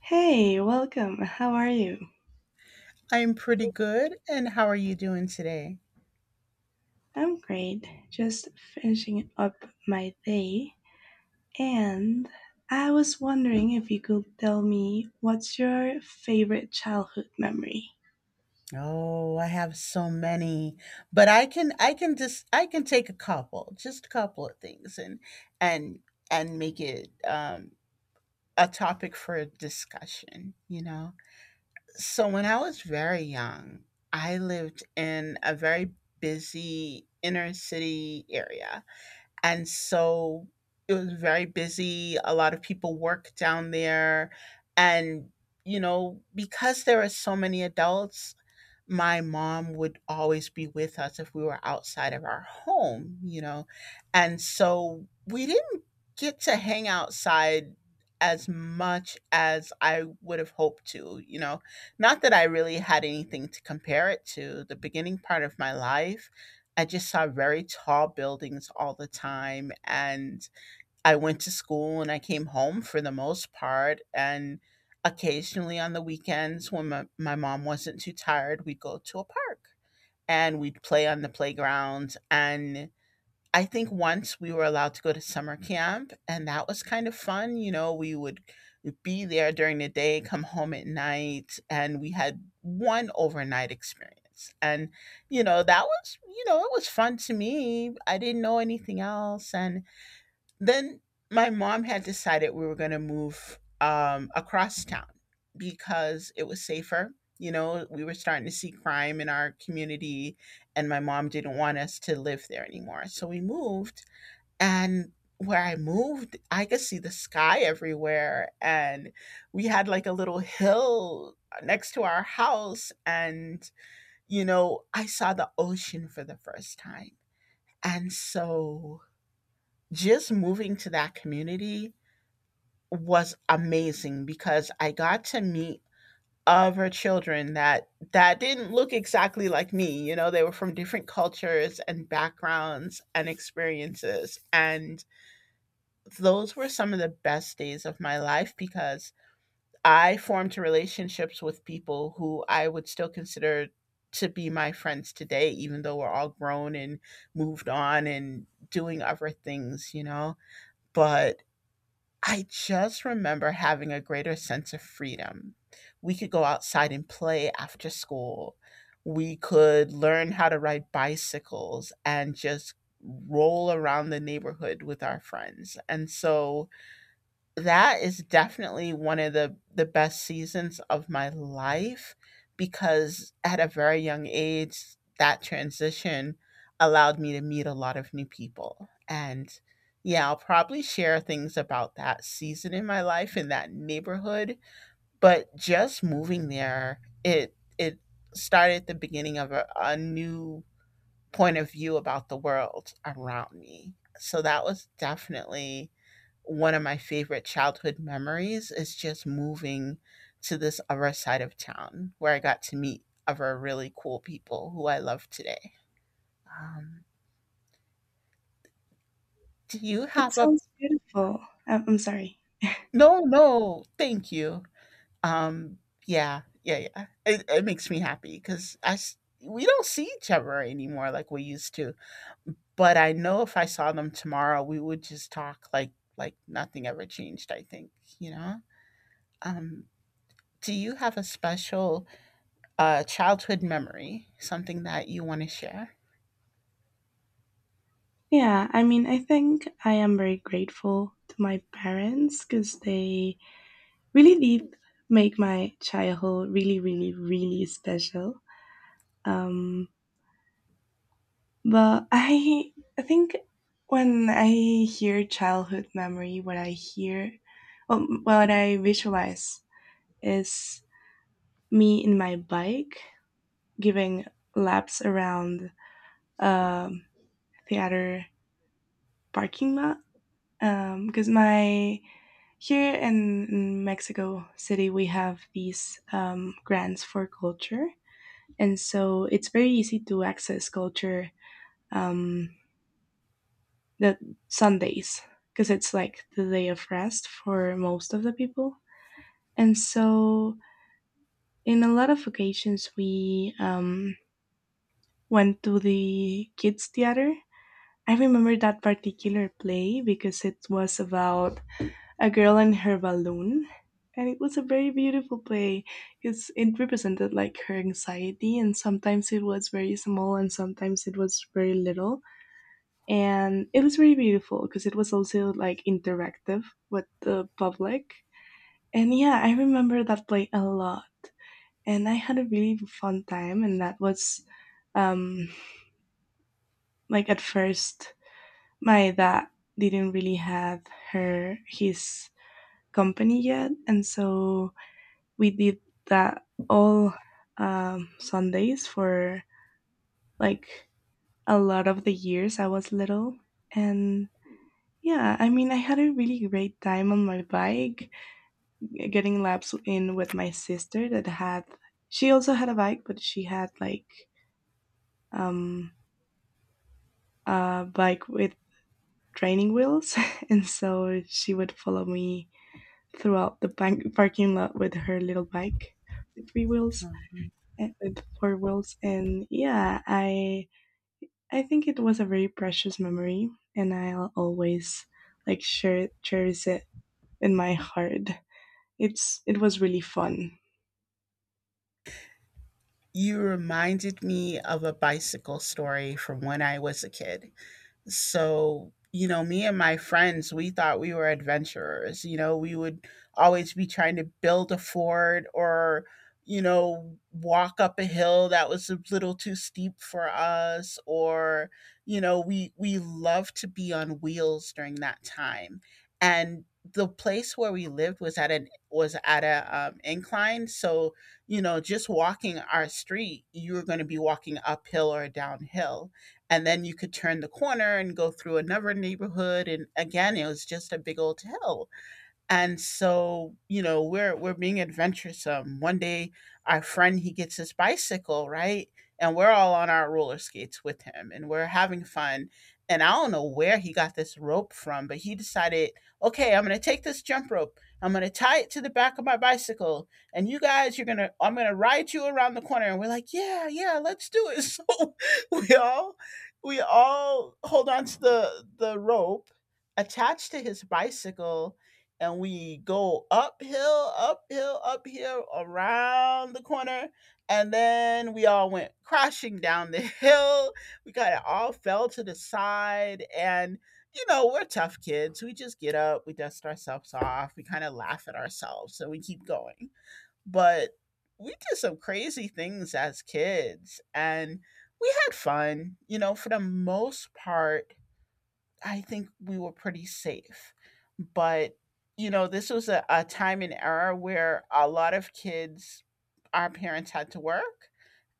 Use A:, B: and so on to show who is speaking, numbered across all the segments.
A: Hey, welcome. How are you?
B: I am pretty good. And how are you doing today?
A: I'm great. Just finishing up my day. And I was wondering if you could tell me what's your favorite childhood memory?
B: Oh, I have so many, but I can take a couple, just a couple of things and and and make it a topic for discussion. So when I was very young, I lived in a very busy inner city area. And so it was very busy. A lot of people work down there. And, you know, because there are so many adults, my mom would always be with us if we were outside of our home. And so we didn't get to hang outside as much as I would have hoped to. Not that I really had anything to compare it to. The beginning part of my life, I just saw very tall buildings all the time, and I went to school and I came home for the most part. And occasionally on the weekends, when my mom wasn't too tired, we'd go to a park and we'd play on the playground. And I think once we were allowed to go to summer camp, and that was kind of fun. You know, we would be there during the day, come home at night, and we had one overnight experience. And, you know, that was, you know, it was fun to me. I didn't know anything else. And then my mom had decided we were going to move across town because it was safer. You know, we were starting to see crime in our community, and my mom didn't want us to live there anymore. So we moved, and where I moved, I could see the sky everywhere. And we had like a little hill next to our house. And, you know, I saw the ocean for the first time. And so just moving to that community was amazing because I got to meet other children that didn't look exactly like me. You know, they were from different cultures and backgrounds and experiences, and those were some of the best days of my life because I formed relationships with people who I would still consider to be my friends today, even though we're all grown and moved on and doing other things, you know. But I just remember having a greater sense of freedom. We could go outside and play after school. We could learn how to ride bicycles and just roll around the neighborhood with our friends. And so that is definitely one of the best seasons of my life because at a very young age, that transition allowed me to meet a lot of new people. And yeah, I'll probably share things about that season in my life in that neighborhood, but just moving there, it started the beginning of a new point of view about the world around me. So that was definitely one of my favorite childhood memories is just moving to this other side of town where I got to meet other really cool people who I love today. Um, do you
A: It
B: have a
A: sounds beautiful. I'm sorry.
B: no, no, thank you. Um, yeah, yeah, yeah. It makes me happy because we don't see each other anymore like we used to. But I know if I saw them tomorrow, we would just talk like nothing ever changed. I think you know. Um, do you have a childhood memory, something that you want to share?
A: Yeah, I mean, I think I am very grateful to my parents because they really did make my childhood really, really, really special. Um, But I think when I hear childhood memory, what I hear, what I visualize is me in my bike giving laps around um, theater parking lot. Because my here in Mexico City, we have these grants for culture, and so it's very easy to access culture um, the Sundays because it's like the day of rest for most of the people. And so, in a lot of occasions, we went to the kids' theater. I remember that particular play because it was about a girl and her balloon. And it was a very beautiful play because it represented like her anxiety, and sometimes it was very small, and sometimes it was very little. And it was very beautiful because it was also like interactive with the public. And yeah, I remember that play a lot, and I had a really fun time. And that was um like at first my dad didn't really have her his company yet, and so we did that all Sundays for like a lot of the years I was little. And yeah, I mean, I had a really great time on my bike, getting laps in with my sister that had, she also had a bike, but she had like um, a bike with training wheels. And so she would follow me throughout the parking lot with her little bike with three wheels and with four wheels. And yeah, I think it was a very precious memory, and I'll always like share cherish it in my heart. It was really fun.
B: You reminded me of a bicycle story from when I was a kid. So, you know, me and my friends, we thought we were adventurers. You know, we would always be trying to build a fort or, you know, walk up a hill that was a little too steep for us, or, you know, we loved to be on wheels during that time. And the place where we lived was at a incline, so, you know, just walking our street, you were going to be walking uphill or downhill, and then you could turn the corner and go through another neighborhood, and again it was just a big old hill. And so, you know, we're being adventuresome one day. Our friend, he gets his bicycle, right? And we're all on our roller skates with him and we're having fun. And I don't know where he got this rope from, but he decided, okay, I'm going to take this jump rope, I'm going to tie it to the back of my bicycle, and you guys, you're going to I'm going to ride you around the corner. And we're like, yeah, yeah, let's do it! So we all we all hold on to the rope attached to his bicycle, and we go uphill, uphill, uphill, around the corner, and then we all went crashing down the hill. We kind of all fell to the side, and you know, we're tough kids. We just get up, we dust ourselves off, we kind of laugh at ourselves, so we keep going. But we did some crazy things as kids, and we had fun. You know, for the most part, I think we were pretty safe. But, you know, this was a time and era where a lot of kids, our parents had to work.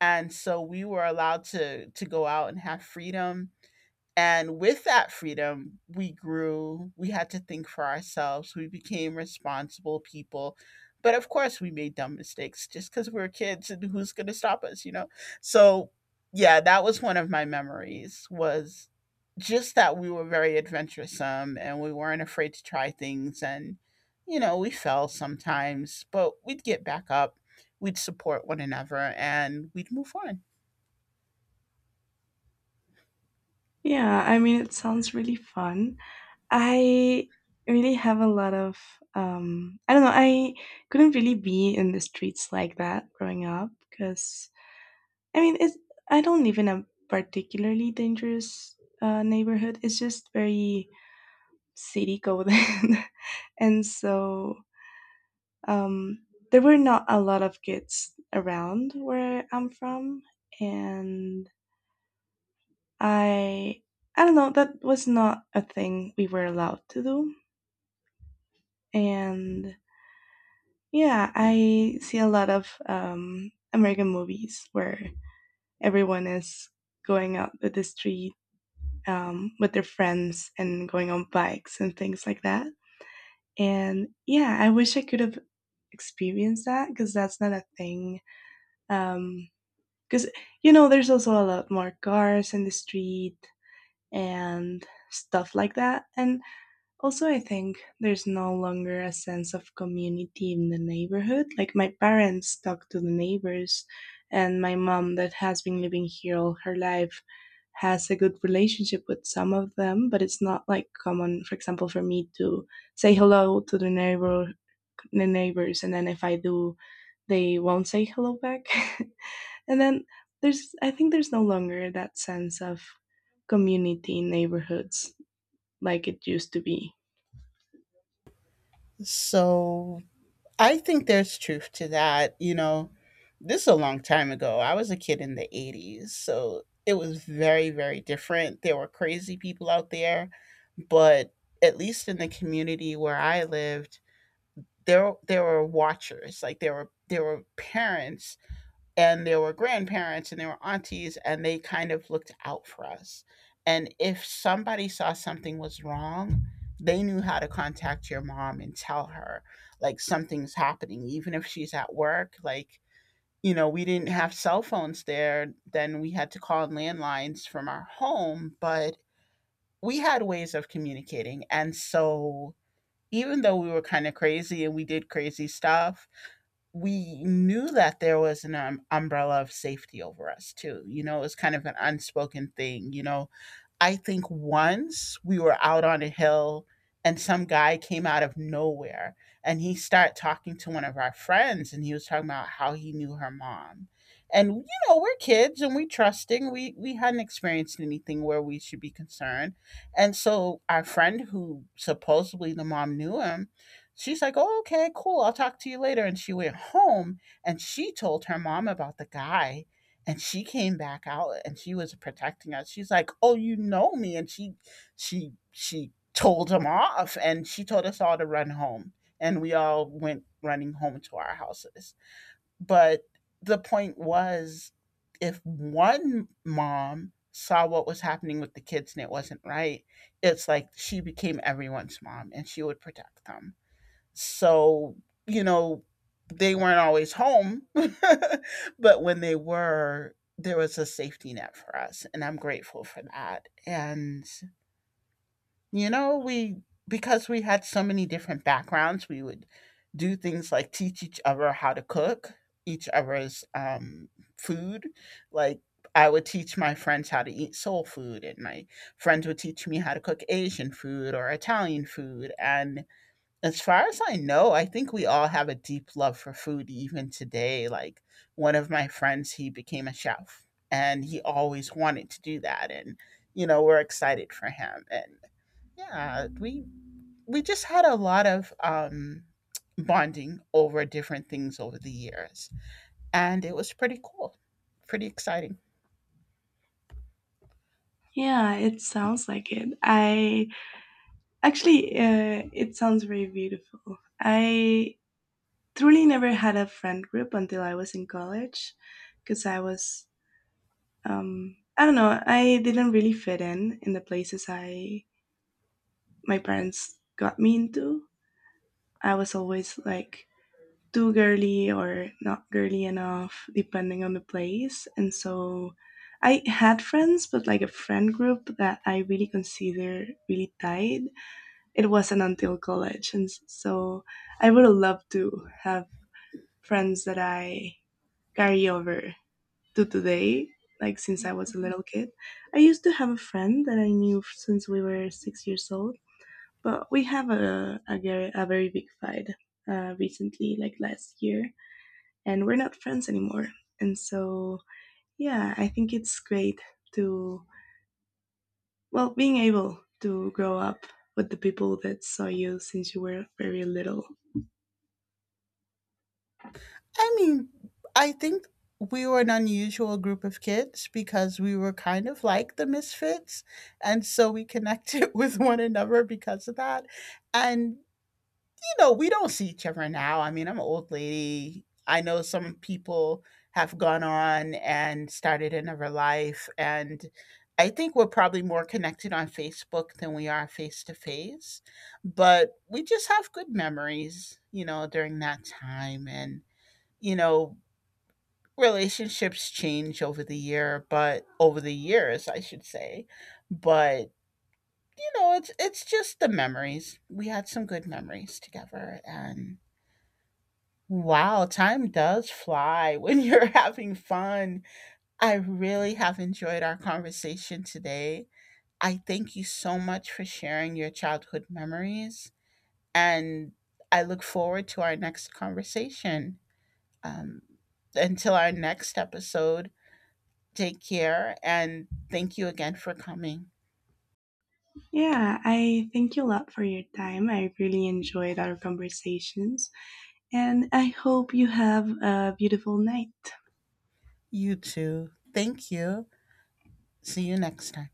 B: And so we were allowed to go out and have freedom. And with that freedom, we grew. We had to think for ourselves. We became responsible people. But of course, we made dumb mistakes just because we were kids and who's going to stop us, you know? So, yeah, that was one of my memories was just that we were very adventuresome and we weren't afraid to try things. And, you know, we fell sometimes, but we'd get back up, we'd support one another, and we'd move on.
A: Yeah, I mean, it sounds really fun. I really have a lot of I don't know, I couldn't really be in the streets like that growing up because I mean it I don't live in a particularly dangerous neighborhood. It's just very city coded. and so Um, there were not a lot of kids around where I'm from, and I I don't know, that was not a thing we were allowed to do. And yeah, I see a lot of American movies where everyone is going out to the street with their friends and going on bikes and things like that. And yeah, I wish I could have experienced that because that's not a thing um, Because, there's also a lot more cars in the street and stuff like that. And also, I think there's no longer a sense of community in the neighborhood. Like, my parents talk to the neighbors, and my mom, that has been living here all her life, has a good relationship with some of them, but it's not like common, for example, for me to say hello to the neighbors, and then if I do, they won't say hello back. And then I think there's no longer that sense of community in neighborhoods like it used to be.
B: So I think there's truth to that. You know, this is a long time ago. I was a kid in the 80s, so it was very, very different. There were crazy people out there, but at least in the community where I lived, there were watchers. Like there were parents and there were grandparents and there were aunties, and they kind of looked out for us, and if somebody saw something was wrong, they knew how to contact your mom and tell her like something's happening even if she's at work. Like, you know, we didn't have cell phones there then, we had to call on landlines from our home, but we had ways of communicating. And so even though we were kind of crazy and we did crazy stuff, we knew that there was an umbrella of safety over us too. You know, it was kind of an unspoken thing. You know, I think once we were out on a hill and some guy came out of nowhere and he started talking to one of our friends and he was talking about how he knew her mom. And you know, we're kids and we trusting. We hadn't experienced anything where we should be concerned. And so our friend who supposedly the mom knew him, she's like, "Oh, okay, cool. I'll talk to you later." And she went home and she told her mom about the guy, and she came back out and she was protecting us. She's like, "Oh, you know me." And she told him off and she told us all to run home, and we all went running home to our houses. But the point was, if one mom saw what was happening with the kids and it wasn't right, it's like she became everyone's mom and she would protect them. So, you know, they weren't always home, but when they were, there was a safety net for us. And I'm grateful for that. And, you know, we, because we had so many different backgrounds, we would do things like teach each other how to cook each other's food. Like, I would teach my friends how to eat soul food, and my friends would teach me how to cook Asian food or Italian food. And as far as I know, I think we all have a deep love for food even today. Like, one of my friends, he became a chef and he always wanted to do that, and you know, we're excited for him. And yeah, we just had a lot of bonding over different things over the years, and it was pretty cool. Pretty exciting.
A: Yeah, it sounds like it. I actually, it sounds very beautiful. I truly never had a friend group until I was in college because I was, I don't know, I didn't really fit in the places I my parents got me into. I was always like too girly or not girly enough, depending on the place. And so I had friends, but like a friend group that I really consider really tight, it wasn't until college. And so I would have loved to have friends that I carry over to today, like since I was a little kid. I used to have a friend that I knew since we were 6 years old, but we have a very big fight recently, like last year, and we're not friends anymore. And so, yeah, I think it's great to, well, being able to grow up with the people that saw you since you were very little.
B: I mean, I think we were an unusual group of kids because we were kind of like the misfits. And so we connected with one another because of that. And, you know, we don't see each other now. I mean, I'm an old lady. I know some people have gone on and started another life. And I think we're probably more connected on Facebook than we are face to face. But we just have good memories, you know, during that time. And, you know, relationships change over the year, but over the years, I should say. But you know, it's just the memories. We had some good memories together, and wow, time does fly when you're having fun. I really have enjoyed our conversation today. I thank you so much for sharing your childhood memories, and I look forward to our next conversation. Um, until our next episode, take care and thank you again for coming.
A: Yeah, I thank you a lot for your time. I really enjoyed our conversations, and I hope you have a beautiful night.
B: You too. Thank you. See you next time.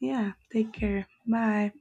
A: Yeah, take care. Bye.